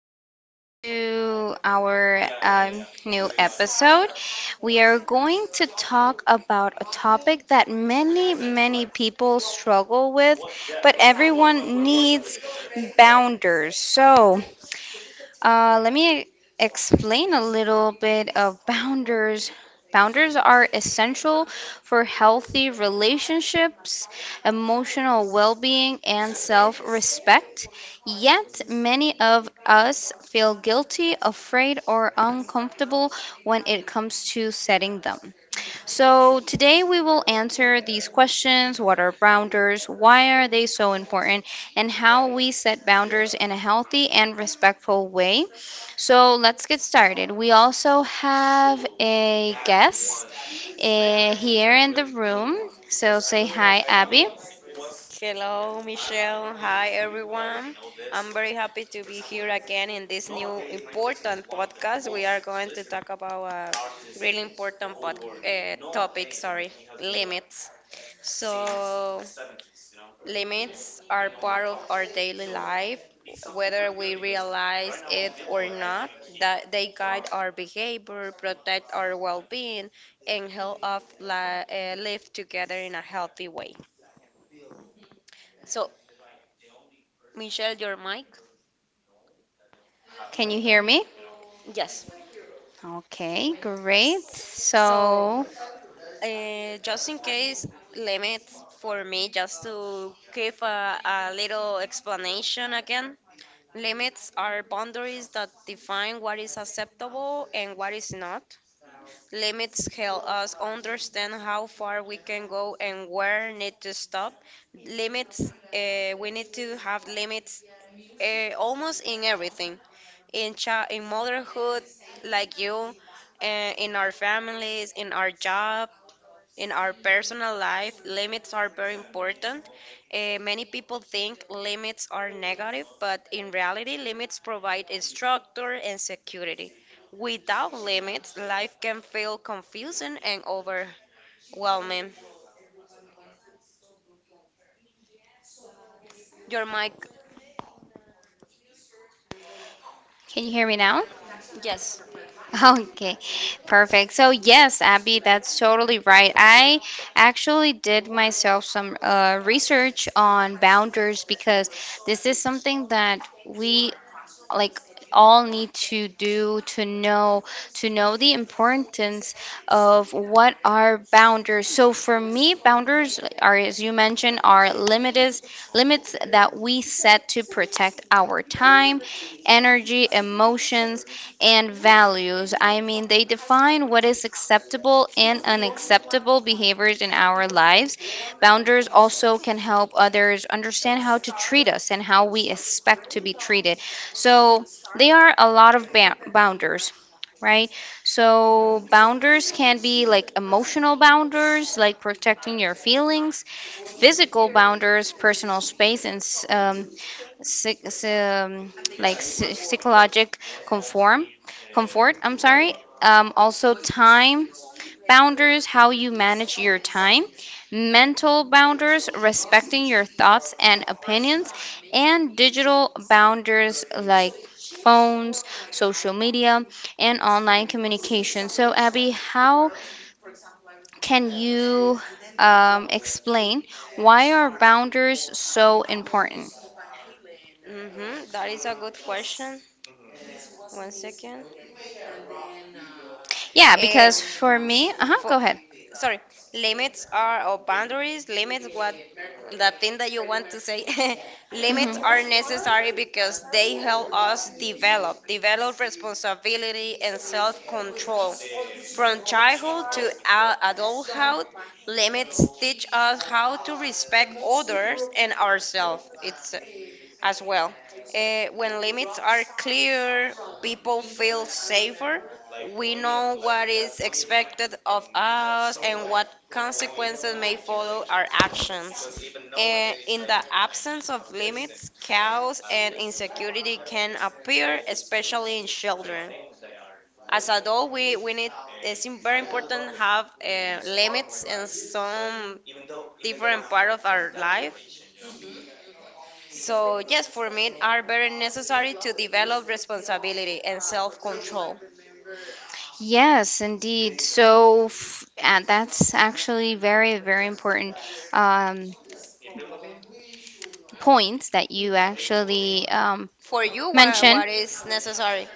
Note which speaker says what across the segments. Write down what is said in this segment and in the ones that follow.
Speaker 1: today to our new episode. We are going to talk about a topic that many, many people struggle with, but everyone needs boundaries. So, let me explain a little bit of boundaries. Boundaries are essential for healthy relationships, emotional well being, and self respect. Yet, many of us feel guilty, afraid, or uncomfortable when it comes to setting them. So, today we will answer these questions. What are boundaries? Why are they so important? And how we set boundaries in a healthy and respectful way. So, let's get started. We also have a guest here in the room. So, say hi, Abby.
Speaker 2: Hello, Michelle. Hi, everyone. I'm very happy to be here again in this new important podcast. We are going to talk about a really important topic, sorry, limits. So, limits are part of our daily life, whether we realize it or not, that they guide our behavior, protect our well being, and help us live together in a healthy way. So, Michelle, your mic.
Speaker 1: Can you hear me?
Speaker 2: Yes.
Speaker 1: Okay, great.
Speaker 2: S- So,
Speaker 1: So,
Speaker 2: just in case, limit for me, just to give a little explanation again. Limits are boundaries that define what is acceptable and what is not. Limits help us understand how far we can go and where need to stop. Limits, we need to have limits almost in everything in in motherhood like you, in our families, in our job, in our personal life, limits are very important. Many people think limits are negative, but in reality, limits provide a structure and security. Without limits, life can feel confusing and overwhelming. Your mic,
Speaker 1: can you hear me now?
Speaker 2: yes.
Speaker 1: Okay, perfect. So yes, Abby, that's totally right. I actually did myself some research on boundaries because this is something that we, like, all need to do to know the importance of what are boundaries. So for me, boundaries are, as you mentioned, are limited limits that we set to protect our time, energy, emotions, and values. I mean, they define what is acceptable and unacceptable behaviors in our lives. Boundaries also can help others understand how to treat us and how we expect to be treated. So, there are a lot of boundaries, right? So boundaries can be like emotional boundaries, like protecting your feelings, physical boundaries, personal space, and psych, s- um, psychologic conform comfort. I'm sorry. Also, time boundaries, how you manage your time, mental boundaries, respecting your thoughts and opinions, and digital boundaries like phones, social media, and online communication. So, Abby, how can you explain why are boundaries so important?
Speaker 2: Mm-hmm. That is a good question. One second.
Speaker 1: Yeah,
Speaker 2: Eh,
Speaker 1: because for me, uh-huh,
Speaker 2: for
Speaker 1: go ahead.
Speaker 2: sorry Limits are or boundaries, limits what the thing that you want to say. Limits
Speaker 1: Hmm.
Speaker 2: are necessary because they help us develop responsibility and self-control from childhood to adulthood. Limits teach us how to respect others and ourselves, it's as well. When limits are clear, people feel safer. We know what is expected of us and what consequences may follow our actions. And in the absence of limits, chaos and insecurity can appear, especially in children. As adults, we need, it's very important to have limits in some different part of our life. So, yes, for me, are very necessary to develop responsibility and self control.
Speaker 1: Yes, indeed. So f That's actually very, very important um, point that you actually
Speaker 2: For you,
Speaker 1: mentioned.
Speaker 2: what is necessary?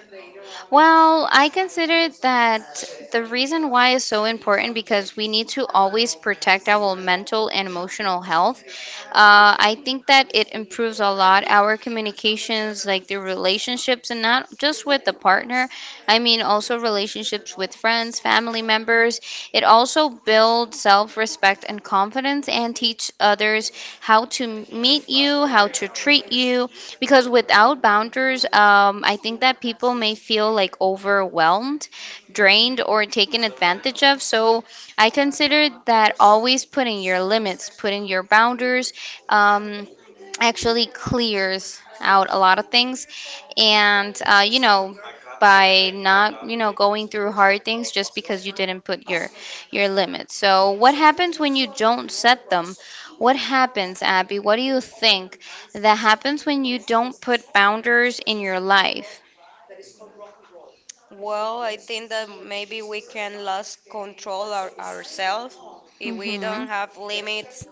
Speaker 1: Well, I consider that the reason why is so important because we need to always protect our mental and emotional health. I think that it improves a lot our communications, like the relationships, and not just with the partner. I mean, also relationships with friends, family members. It also builds self respect and confidence and teach others how to meet you, how to treat you. Because without boundaries, I think that people may feel like overwhelmed, drained, or taken advantage of. So I consider that always putting your limits, putting your boundaries, um, actually clears out a lot of things and you know, by not, you know, going through hard things just because you didn't put your limits. So, what happens when you don't set them? What happens, Abby? What do you think that happens when you don't put boundaries in your life?
Speaker 2: Well, I think that maybe we can lose control ourselves. If we don't
Speaker 1: Mhm.
Speaker 2: have limits,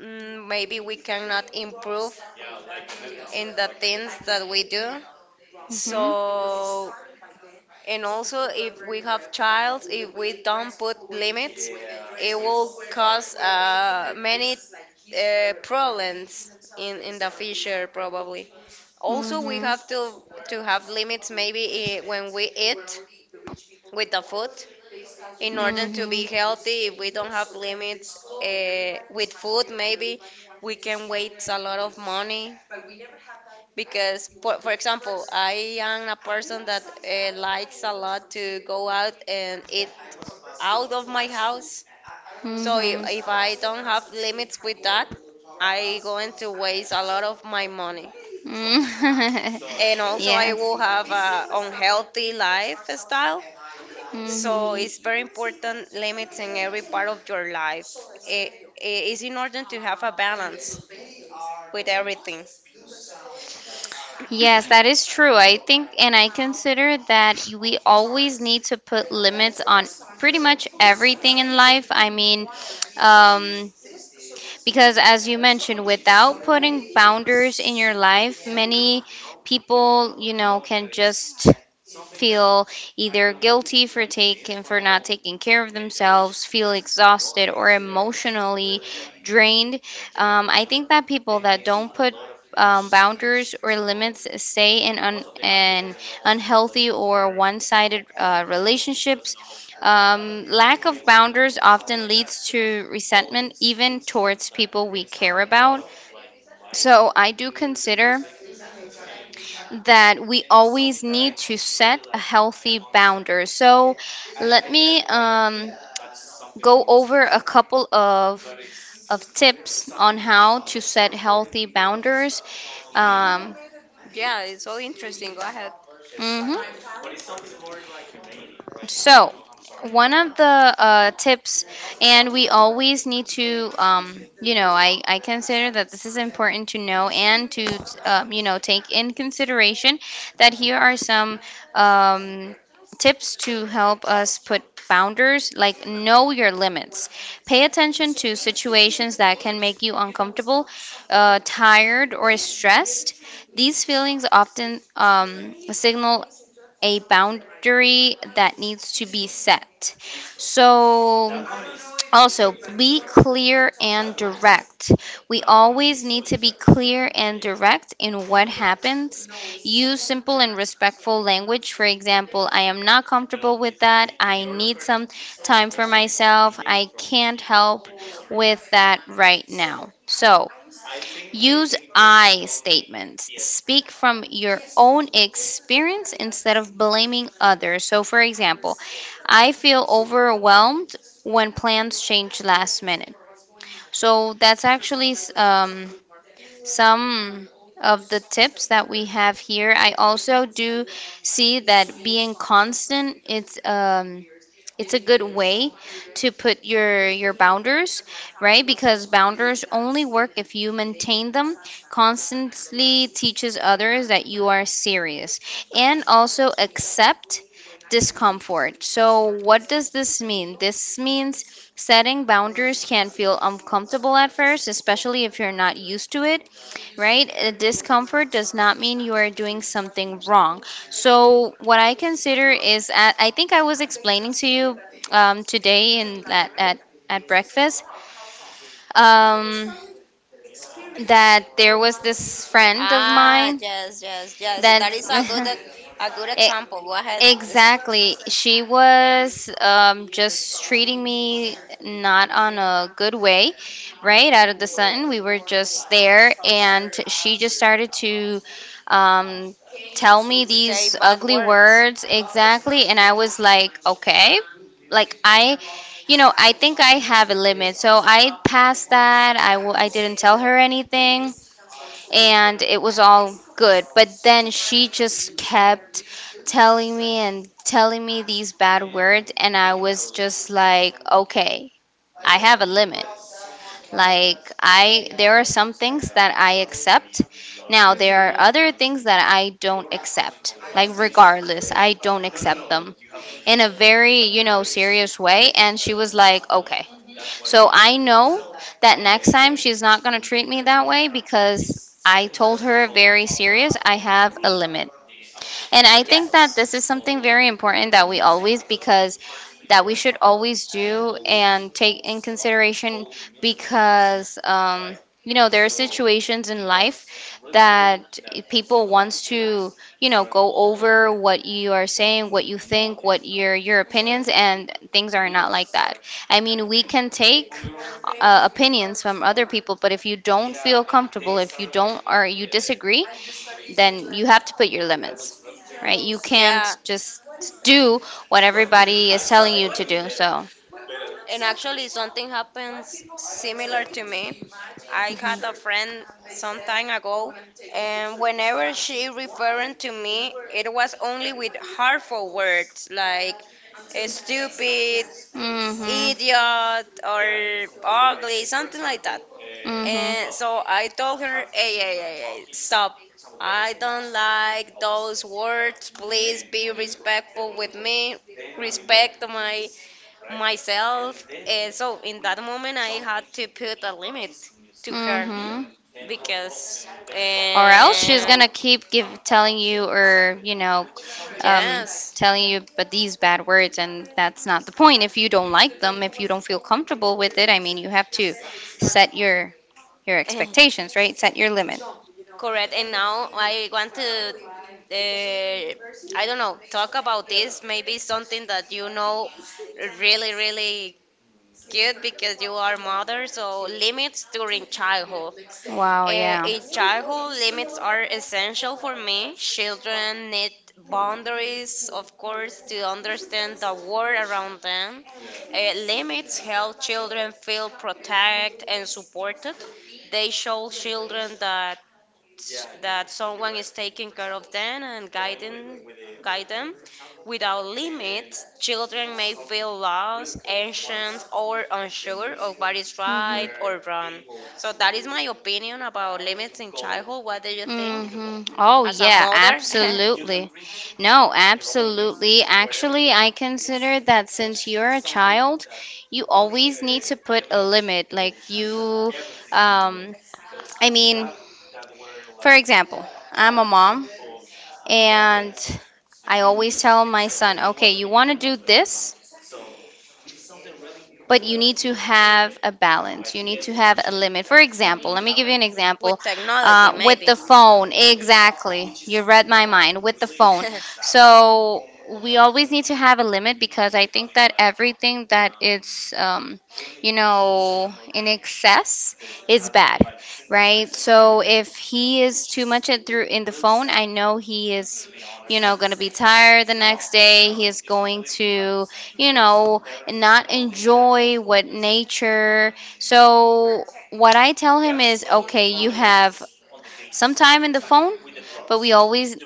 Speaker 2: mm, maybe we cannot improve in the things that we do.
Speaker 1: Mhm.
Speaker 2: So, and also, if we have child, if we don't put limits, it will cause many problems in the future, probably. Also, we
Speaker 1: Mhm.
Speaker 2: have to have limits maybe when we eat, with the food. In order to be
Speaker 1: Mhm.
Speaker 2: healthy, if we don't have limits with food, maybe we can waste a lot of money because for example, I am a person that likes a lot to go out and eat out of my house. So
Speaker 1: Mhm.
Speaker 2: if I don't have limits with that, I going to waste a lot of my money,
Speaker 1: Mhm.
Speaker 2: and also I
Speaker 1: Yes.
Speaker 2: will have a unhealthy lifestyle. So
Speaker 1: Mhm.
Speaker 2: it's very important limits in every part of your life. it, it is in order to have a balance with everything.
Speaker 1: Yes, that is true. I think, and I consider that we always need to put limits on pretty much everything in life. I mean, um, because, as you mentioned, without putting boundaries in your life, many people, you know, can just feel either guilty for taking for not taking care of themselves, feel exhausted or emotionally drained. I think that people that don't put boundaries or limits stay in an unhealthy or one-sided relationships. Um, lack of boundaries often leads to resentment, even towards people we care about. So I do consider that we always need to set a healthy boundary. So let me go over a couple of tips on how to set healthy boundaries. Um,
Speaker 2: Yeah, it's all interesting, go ahead.
Speaker 1: mhm. So, one of the tips, and we always need to, you know, I consider that this is important to know and to, you know, take in consideration that here are some um, tips to help us put boundaries, like know your limits. Pay attention to situations that can make you uncomfortable, tired, or stressed. These feelings often signal a boundary that needs to be set. So, also be clear and direct. We always need to be clear and direct in what happens. Use simple and respectful language. For example, I am not comfortable with that. I need some time for myself. I can't help with that right now. So, use I statements. Speak from your own experience instead of blaming others. So, for example, I feel overwhelmed when plans change last minute. So, that's actually some of the tips that we have here. I also do see that being constant, it's a good way to put your boundaries, right? Because boundaries only work if you maintain them constantly, teaches others that you are serious. And also accept discomfort. So what does this mean? This means setting boundaries can feel uncomfortable at first, especially if you're not used to it, right? A discomfort does not mean you are doing something wrong. So what I consider is, I think I was explaining to you today in at breakfast, um, that there was this friend of
Speaker 2: Ah,
Speaker 1: mine
Speaker 2: yes, yes, yes.
Speaker 1: that.
Speaker 2: That is a a good
Speaker 1: it,
Speaker 2: example. Go ahead, just
Speaker 1: Exactly. She was, just treating me not on a good way, right out of the sudden. We were just there, and she just started to, um, tell me
Speaker 2: say
Speaker 1: these
Speaker 2: bad
Speaker 1: ugly
Speaker 2: words.
Speaker 1: words. Exactly. And I was like, okay. Like, I, you know, I think I have a limit. So I passed that. I didn't tell her anything and it was all good. But then she just kept telling me and telling me these bad words, and I was just like, okay, I have a limit. Like, I, there are some things that I accept. Now there are
Speaker 2: Mm-hmm.
Speaker 1: other things that I don't accept. Like regardless, I don't accept them in a very, you know, serious way. And she was like, "Okay," so I know that next time she's not going to treat me that way because I told her very serious, I have a limit. And I think that this is
Speaker 2: Yes.
Speaker 1: something very important that we always, because that we should always do and take in consideration, because, you know, there are situations in life that people wants to, you know, go over what you are saying, what you think, what your opinions, and things are not like that. I mean, we can take opinions from other people, but if you don't feel comfortable, if you don't or you disagree, then you have to put your limits, right? You can't
Speaker 2: Yeah.
Speaker 1: just do what everybody is telling you to do. So,
Speaker 2: And actually, something happens similar to me. I had a
Speaker 1: mhm,
Speaker 2: friend some time ago, and whenever she referring to me, it was only with harmful words like stupid,
Speaker 1: mhm,
Speaker 2: idiot, or ugly, something like that.
Speaker 1: mhm,
Speaker 2: And so I told her, hey, hey, hey, hey, stop. I don't like those words. Please be respectful with me. Respect my myself. And so in that moment, I had to put a limit to her
Speaker 1: mhm.
Speaker 2: because,
Speaker 1: Or else she's
Speaker 2: and
Speaker 1: gonna keep give telling you or, you know, um,
Speaker 2: yes,
Speaker 1: telling you but these bad words, and that's not the point. If you don't like them, if you don't feel comfortable with it, I mean, you have to set your expectations, right? Set your limit.
Speaker 2: correct. And now I want to, uh, I don't know, talk about this. Maybe something that you know really, really good because you are mother, so limits during childhood.
Speaker 1: Wow. Yeah.
Speaker 2: In childhood, limits are essential for me. Children need boundaries, of course, to understand the world around them. Limits help children feel protected and supported. They show children that, yeah, that someone is taking care of them and guiding guide them. Without limits, children may feel lost, anxious, or unsure of what is
Speaker 1: Mhm.
Speaker 2: right or wrong. So that is my opinion about limits in childhood, what do you think
Speaker 1: Hmm. Oh,
Speaker 2: as a
Speaker 1: yeah,
Speaker 2: mother?
Speaker 1: absolutely. No, absolutely. Actually, I consider that since you're a child, you always need to put a limit. Like, you, um, I mean, for example, I'm a mom, and I always tell my son, okay, you want to do this? But you need to have a balance. You need to have a limit. For example, let me give you an example.
Speaker 2: With technology
Speaker 1: With
Speaker 2: maybe.
Speaker 1: the phone, exactly. You read my mind. With the phone. So we always need to have a limit because I think that everything that is, you know, in excess is bad, right? So if he is too much at through in the phone, I know he is, you know, going to be tired the next day. He is going to, you know, not enjoy what nature. So what I tell him is, okay, you have some time in the phone, but we always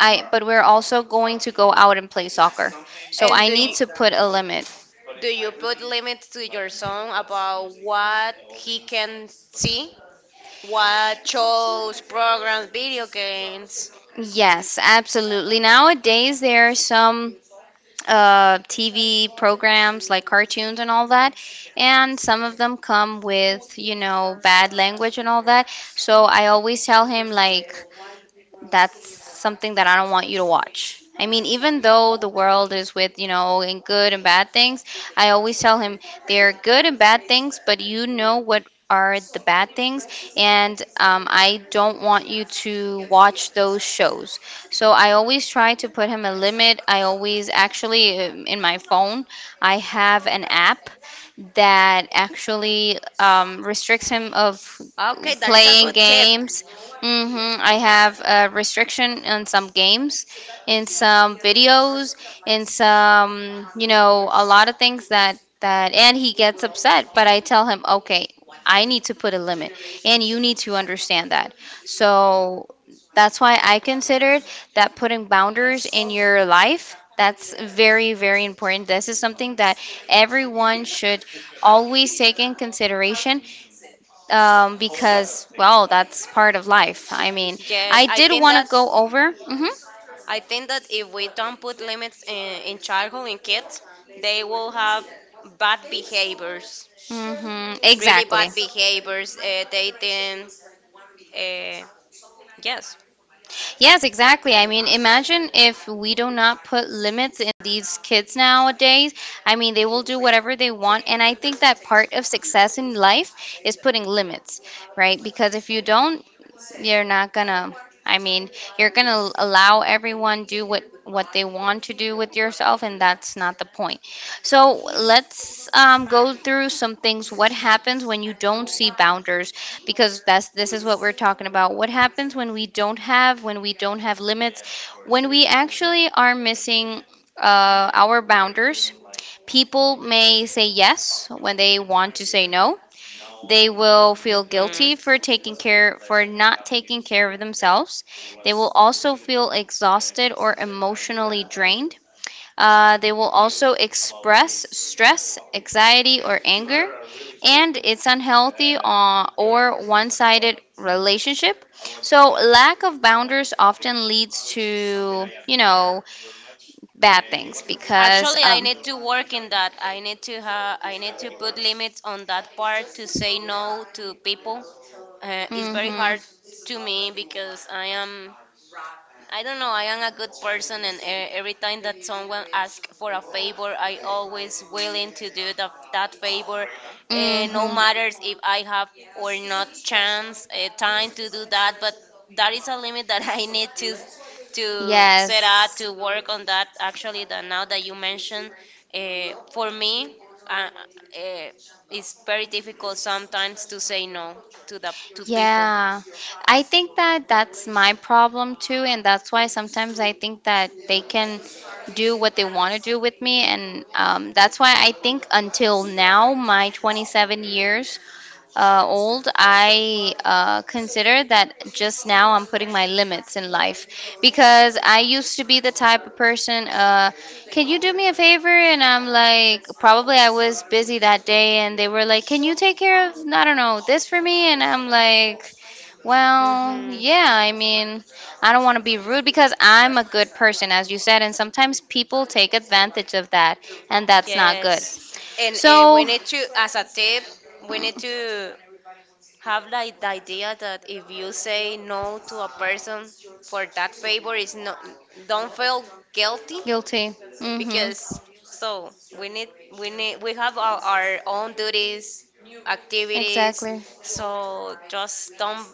Speaker 1: I but we're also going to go out and play soccer. So
Speaker 2: And
Speaker 1: I
Speaker 2: do
Speaker 1: need
Speaker 2: you,
Speaker 1: to put a limit.
Speaker 2: do you put limits to your son about what he can see, what shows, programs, video games?
Speaker 1: Yes, absolutely. Nowadays there are some TV programs like cartoons and all that, and some of them come with, you know, bad language and all that. So I always tell him like, that's something that I don't want you to watch. I mean, even though the world is with, you know, in good and bad things, I always tell him there are good and bad things, but you know what are the bad things, and I don't want you to watch those shows. So I always try to put him a limit. I always actually, in my phone, I have an app that actually restricts him of
Speaker 2: Okay, that is a
Speaker 1: playing
Speaker 2: good tip.
Speaker 1: games. Hmm. I have a restriction on some games, in some videos, in some, you know, a lot of things that that and he gets upset, but I tell him, "Okay, I need to put a limit and you need to understand that." So that's why I considered that putting boundaries in your life, that's very, very important. This is something that everyone should always take in consideration, because, well, that's part of life. I mean,
Speaker 2: Yes,
Speaker 1: I
Speaker 2: I
Speaker 1: did
Speaker 2: think
Speaker 1: want
Speaker 2: that,
Speaker 1: to go over. hmm
Speaker 2: I think that if we don't put limits in childhood, in kids, they will have bad behaviors,
Speaker 1: hmm
Speaker 2: really
Speaker 1: Exactly.
Speaker 2: bad behaviors. Uh, yes.
Speaker 1: Yes, exactly. I mean, imagine if we do not put limits in these kids nowadays. I mean, they will do whatever they want. And I think that part of success in life is putting limits, right? Because if you don't, you're not gonna i mean you're gonna allow everyone do what they want to do with yourself, and that's not the point. So let's go through some things. What happens when you don't see boundaries? Because that's this is what we're talking about. What happens when we don't have limits? When we actually are missing our boundaries? People may say yes when they want to say no. They will feel
Speaker 2: Hmm.
Speaker 1: guilty for taking care for not taking care of themselves. They will also feel exhausted or emotionally drained. They will also express stress, anxiety, or anger, and it's unhealthy or one sided relationship. So lack of boundaries often leads to, you know, bad things because,
Speaker 2: Actually, I need to work in that. I need to have, I need to put limits on that part to say no to people. It's very
Speaker 1: mm-hmm,
Speaker 2: hard to me because I am, I don't know. I am a good person, and every time that someone asks for a favor, I always willing to do that favor, no
Speaker 1: mm-hmm,
Speaker 2: matters if I have or not chance, time to do that. But that is a limit that I need to set out
Speaker 1: yes.
Speaker 2: to work on that. Actually, that now that you mentioned, for me, uh, uh, it's very difficult sometimes to say no to the to people.
Speaker 1: Yeah, I think that that's my problem too, and that's why sometimes I think that they can do what they want to do with me, and that's why I think until now, my 27 years old, I consider that just now I'm putting my limits in life, because I used to be the type of person. Can you do me a favor? And I'm like, probably I was busy that day, and they were like, can you take care of, I don't know, this for me? And I'm like, well,
Speaker 2: Hmm.
Speaker 1: yeah, I mean, I don't want to be rude because I'm a good person, as you said, and sometimes people take advantage of that, and that's not good.
Speaker 2: Yes, and we
Speaker 1: So,
Speaker 2: need to, as a tip, we need
Speaker 1: mm,
Speaker 2: to have like the idea that if you say no to a person for that favor, is not, don't feel guilty,
Speaker 1: guilty. Mm-hmm.
Speaker 2: because so we need we need, we have our own duties, activities,
Speaker 1: Exactly.
Speaker 2: so just don't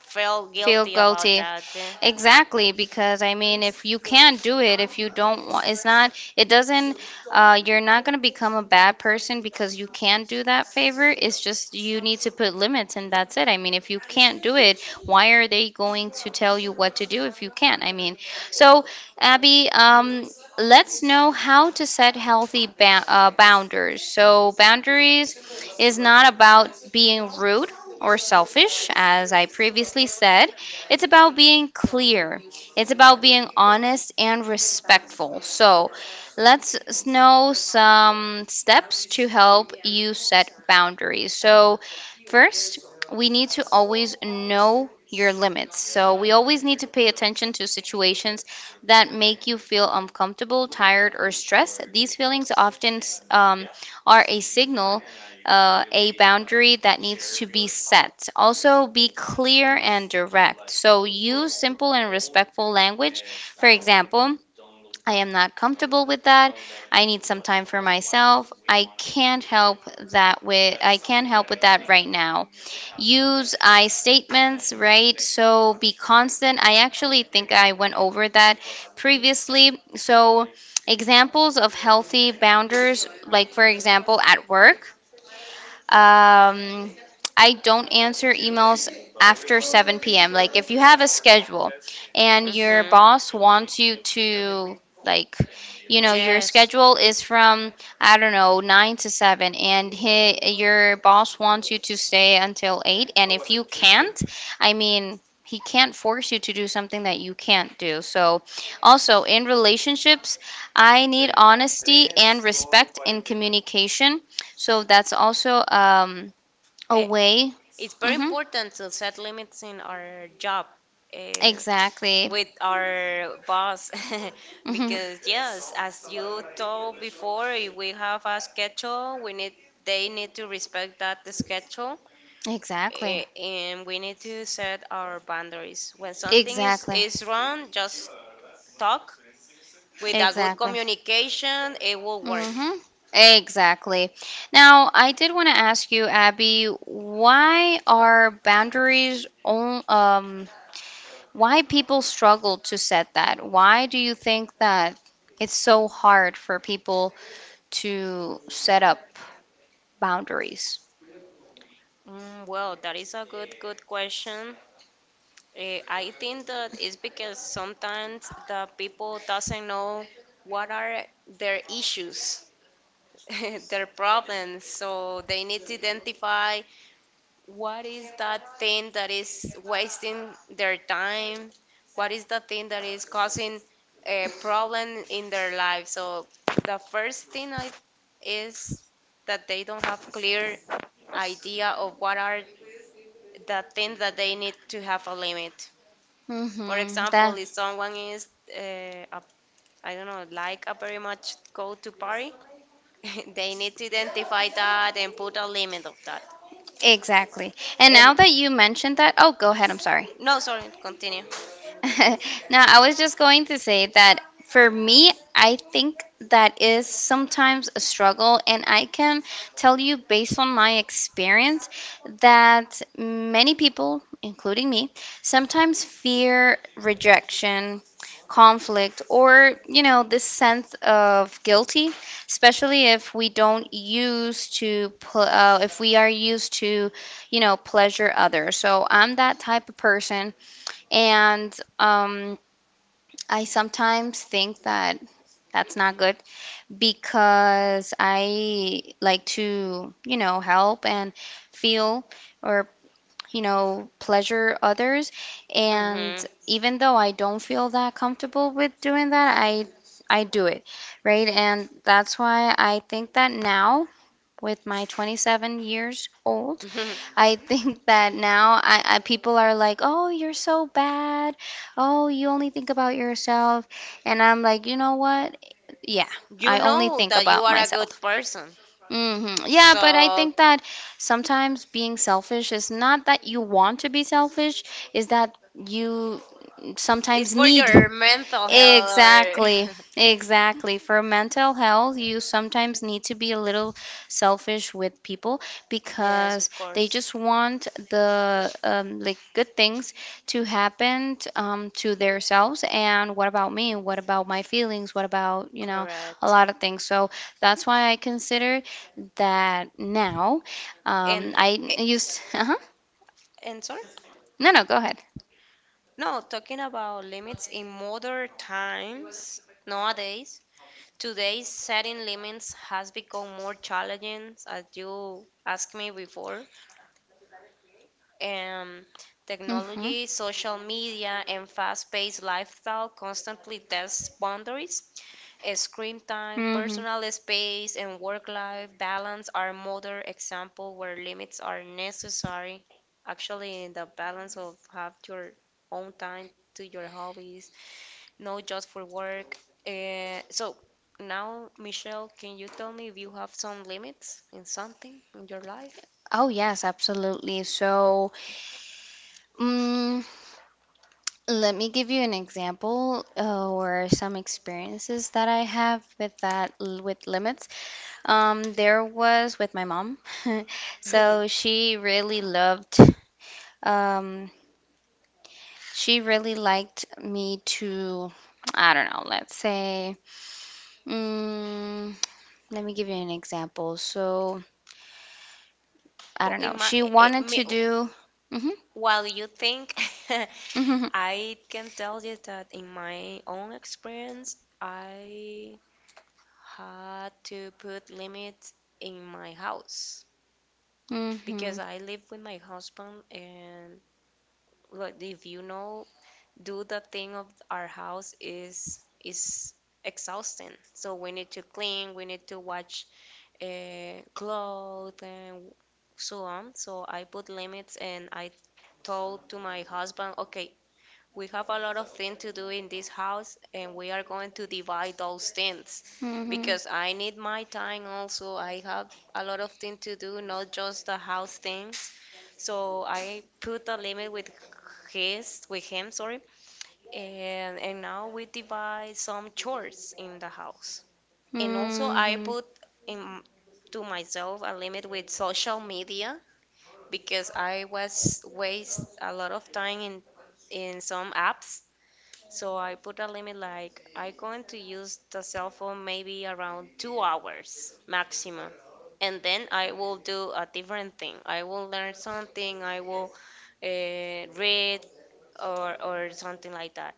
Speaker 2: feel
Speaker 1: Feel
Speaker 2: guilty about
Speaker 1: guilty.
Speaker 2: that.
Speaker 1: Exactly, because I mean, if you can't do it, if you don't want, it's not, it doesn't, you're not going to become a bad person because you can do that favor. It's just you need to put limits, and that's it. I mean, if you can't do it, why are they going to tell you what to do if you can't? I mean, so Abby, let's know how to set healthy boundaries. So boundaries is not about being rude or selfish, as I previously said. It's about being clear, it's about being honest and respectful. So let's know some steps to help you set boundaries. So first, we need to always know your limits. So we always need to pay attention to situations that make you feel uncomfortable, tired, or stressed. These feelings often um, are a signal, a boundary that needs to be set. Also, be clear and direct. So use simple and respectful language. For example, I am not comfortable with that. I need some time for myself. I can't help with that right now. Use I statements, right? So be constant. I actually think I went over that previously. So examples of healthy boundaries, like for example at work, um, I don't answer emails after 7 p.m. Like if you have a schedule and your
Speaker 2: Mm-hmm.
Speaker 1: boss wants you to, like, you know your
Speaker 2: Yes.
Speaker 1: schedule is from, I don't know, 9 to 7, and he, your boss wants you to stay until 8, and if you can't, I mean, he can't force you to do something that you can't do. So also in relationships, I need honesty and respect in communication, so that's also a
Speaker 2: Eh,
Speaker 1: way.
Speaker 2: it's very
Speaker 1: Hmm.
Speaker 2: important to set limits in our job. Eh,
Speaker 1: Exactly.
Speaker 2: with our boss,
Speaker 1: Hmm.
Speaker 2: because yes, as you told before, if we have a schedule, we need, they need to respect that schedule.
Speaker 1: Exactly.
Speaker 2: And we need to set our boundaries when something
Speaker 1: Exactly.
Speaker 2: is wrong, just talk with a good
Speaker 1: Exactly.
Speaker 2: communication, it will work.
Speaker 1: Hmm. Exactly. Now, I did want to ask you, Abby, why are boundaries on, why people struggle to set that? Why do you think that it's so hard for people to set up boundaries?
Speaker 2: Mm, well that is a good question. I think that is because sometimes the people doesn't know what are their issues, their problems. So they need to identify what is that thing that is wasting their time, what is the thing that is causing a problem in their life. So the first thing I is that they don't have clear idea of what are the things that they need to have a limit. For
Speaker 1: Mm-hmm.
Speaker 2: example, if someone is uh, a, I don't know, like a very much go to party, they need to identify that and put a limit of that.
Speaker 1: Exactly. And now
Speaker 2: And
Speaker 1: that you mentioned that, oh, go ahead. I'm sorry.
Speaker 2: no, sorry, continue.
Speaker 1: No, I was just going to say that for me, I think that is sometimes a struggle, and I can tell you based on my experience that many people, including me, sometimes fear rejection, conflict, or, you know, this sense of guilty, especially if we don't use to, pl- if we are used to, you know, pleasure others. So I'm that type of person, and I sometimes think that that's not good because I like to, you know, help and feel or, you know, pleasure others. And
Speaker 2: Hmm.
Speaker 1: even though I don't feel that comfortable with doing that, I do it, right? And that's why I think that now with my 27 years old, I think that now I people are like, "Oh, you're so bad. Oh, you only think about yourself." And I'm like, "You know what? Yeah,
Speaker 2: You
Speaker 1: I only
Speaker 2: know
Speaker 1: think
Speaker 2: that you
Speaker 1: about
Speaker 2: are a good
Speaker 1: myself."
Speaker 2: person.
Speaker 1: Hmm. Yeah, but I
Speaker 2: So
Speaker 1: think that sometimes being selfish is not that you want to be selfish, is that you
Speaker 2: it's
Speaker 1: sometimes
Speaker 2: for
Speaker 1: need.
Speaker 2: your mental health
Speaker 1: Exactly.
Speaker 2: or,
Speaker 1: Exactly. For mental health, you sometimes need to be a little selfish with people
Speaker 2: yes,
Speaker 1: because
Speaker 2: of
Speaker 1: they
Speaker 2: course.
Speaker 1: just want the like good things to happen to themselves. And what about me? What about my feelings? What about, you know, a
Speaker 2: Correct.
Speaker 1: lot of things. So that's why I consider that now.
Speaker 2: And
Speaker 1: I
Speaker 2: eh,
Speaker 1: used. Uh-huh.
Speaker 2: sorry?
Speaker 1: No, no, go ahead.
Speaker 2: No, talking about limits in modern times, nowadays, today setting limits has become more challenging as you asked me before. Um,
Speaker 1: Hmm.
Speaker 2: technology, social media, and fast paced lifestyle constantly test boundaries. Screen time,
Speaker 1: Hmm.
Speaker 2: personal space, and work life balance are modern example where limits are necessary. Actually, in the balance of have your own time to your hobbies, not just for work. So now, Michelle, can you tell me if you have some limits in something in your life?
Speaker 1: Oh, yes, absolutely. So, mm, let me give you an example, or some experiences that I have with that with limits. There was with my mom. So she really loved, um, she really liked me to, I don't know, let's say, mm, let me give you an example. So I
Speaker 2: Well,
Speaker 1: don't
Speaker 2: in
Speaker 1: know.
Speaker 2: my,
Speaker 1: She wanted
Speaker 2: me,
Speaker 1: to do. Hmm.
Speaker 2: while you think,
Speaker 1: Hmm.
Speaker 2: I can tell you that in my own experience, I had to put limits in my house because
Speaker 1: Hmm.
Speaker 2: I live with my husband, and like, if you know, do the thing of our house is exhausting. So we need to clean, we need to watch clothes and so on. So I put limits and I told to my husband, okay, we have a lot of things to do in this house, and we are going to divide those things
Speaker 1: Hmm.
Speaker 2: because I need my time also. I have a lot of things to do, not just the house things. So I put a limit with with him, sorry, and now we divide some chores in the house. And also I
Speaker 1: Hmm.
Speaker 2: put in to myself a limit with social media because I was waste a lot of time in some apps. So I put a limit like I going to use the cell phone maybe around 2 hours maximum. And then I will do a different thing. I will learn something, I will read or something like that.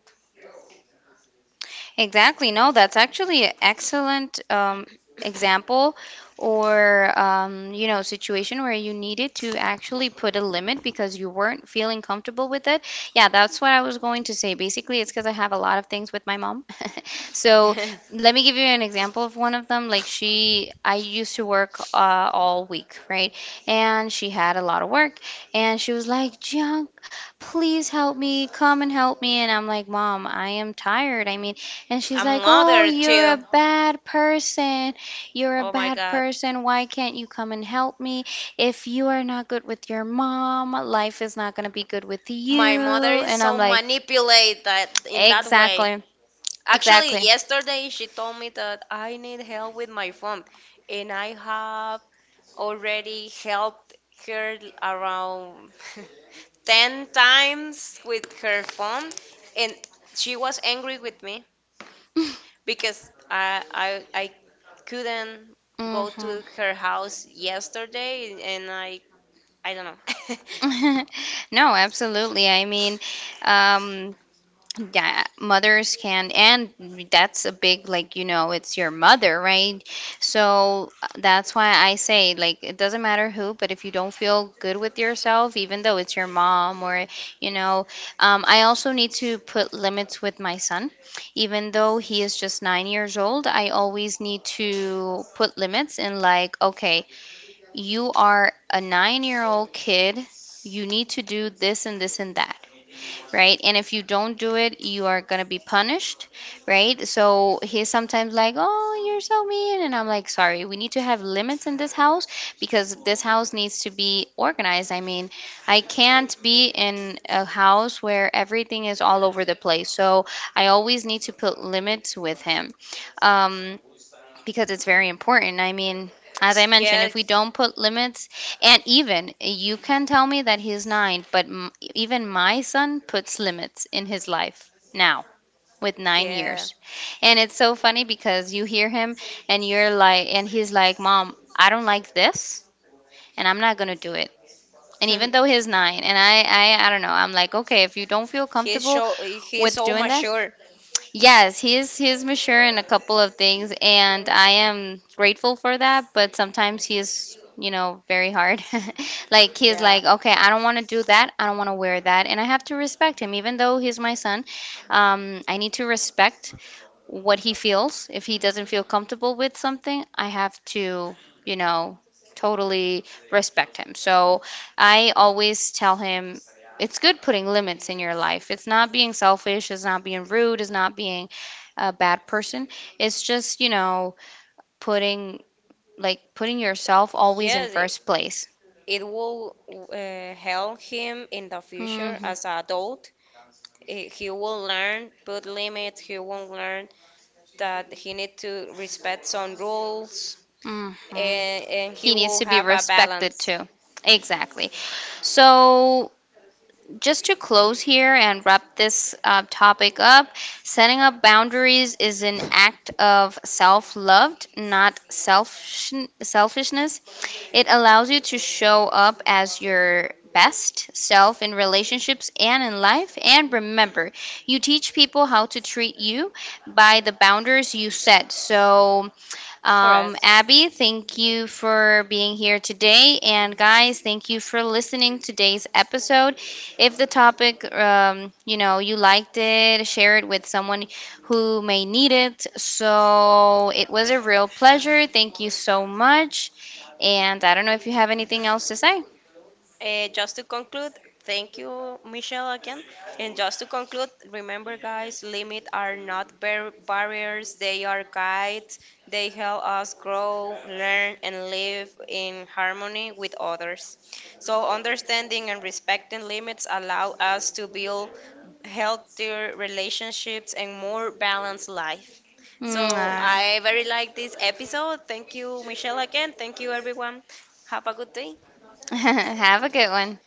Speaker 1: Exactly. No, that's actually an excellent example or you know, situation where you needed to actually put a limit because you weren't feeling comfortable with it. Yeah, that's what I was going to say. Basically, it's because I have a lot of things with my mom. So let me give you an example of one of them. Like she, I used to work all week, right? And she had a lot of work, and she was like, "Jiang, please help me. Come and help me." And I'm like, "Mom, I am tired. I mean." And she's
Speaker 2: A
Speaker 1: like, "Oh,
Speaker 2: mother
Speaker 1: you're a
Speaker 2: too.
Speaker 1: bad person. You're a
Speaker 2: Oh my
Speaker 1: bad
Speaker 2: god.
Speaker 1: person. Why can't you come and help me? If you are not good with your mom, life is not going to be good with you."
Speaker 2: My mother is
Speaker 1: And I'm
Speaker 2: so
Speaker 1: like,
Speaker 2: manipulate that in that way.
Speaker 1: exactly.
Speaker 2: Actually,
Speaker 1: Exactly.
Speaker 2: yesterday she told me that I need help with my phone, and I have already helped her around 10 times with her phone, and she was angry with me because I couldn't go
Speaker 1: Hmm.
Speaker 2: to her house yesterday, and I don't know.
Speaker 1: No, absolutely. I mean, um, yeah, mothers can, and that's a big, like, you know, it's your mother, right? So that's why I say, like, it doesn't matter who, but if you don't feel good with yourself, even though it's your mom or, you know, I also need to put limits with my son. Even though he is just 9 years old, I always need to put limits in, like, okay, you are a 9 year old kid, you need to do this and this and that, right? And if you don't do it, you are gonna be punished, right? So he's sometimes like, "Oh, you're so mean," and I'm like, "Sorry, we need to have limits in this house because this house needs to be organized." I mean, I can't be in a house where everything is all over the place. So I always need to put limits with him. Um, because it's very important. I mean, as I mentioned,
Speaker 2: Yeah,
Speaker 1: if we don't put limits, and even you can tell me that he's nine, but even my son puts limits in his life now with nine
Speaker 2: yeah.
Speaker 1: years. And it's so funny because you hear him, and you're like, and he's like, "Mom, I don't like this, and I'm not going to do it." And even though he's nine, and I don't know, I'm like, okay, if you don't feel
Speaker 2: He's
Speaker 1: comfortable
Speaker 2: so, he's
Speaker 1: with
Speaker 2: so
Speaker 1: doing that,
Speaker 2: mature.
Speaker 1: yes, he is, he is mature in a couple of things, and I am grateful for that, but sometimes he is, you know, very hard. Like he is
Speaker 2: Yeah.
Speaker 1: like, okay, I don't want to do that. I don't want to wear that, and I have to respect him, even though he's my son. I need to respect what he feels. If he doesn't feel comfortable with something, I have to, you know, totally respect him. So I always tell him, it's good putting limits in your life. It's not being selfish, it's not being rude, it's not being a bad person. It's just, you know, putting, like, putting yourself always in
Speaker 2: Yes,
Speaker 1: first place.
Speaker 2: it will help him in the future
Speaker 1: Mhm.
Speaker 2: as an adult. He will learn, put limits, he will learn that he need to respect some rules,
Speaker 1: Mhm.
Speaker 2: and he
Speaker 1: He needs
Speaker 2: will
Speaker 1: to be
Speaker 2: have a
Speaker 1: respected
Speaker 2: balance.
Speaker 1: too. Exactly. So just to close here and wrap this topic up, setting up boundaries is an act of self love, not selfishness. It allows you to show up as your best self in relationships and in life. And remember, you teach people how to treat you by the boundaries you set. So,
Speaker 2: Correct.
Speaker 1: Abby, thank you for being here today. And guys, thank you for listening to today's episode. If the topic, you know, you liked it, share it with someone who may need it. So it was a real pleasure. Thank you so much. And I don't know if you have anything else to say.
Speaker 2: Just to conclude, thank you, Michelle, again. And just to conclude, remember, guys, limits are not barriers, they are guides. They help us grow, learn, and live in harmony with others. So, understanding and respecting limits allow us to build healthier relationships and more balanced life. So,
Speaker 1: Mwah.
Speaker 2: I very like this episode. Thank you, Michelle, again. Thank you, everyone. Have a good day.
Speaker 1: Have a good one.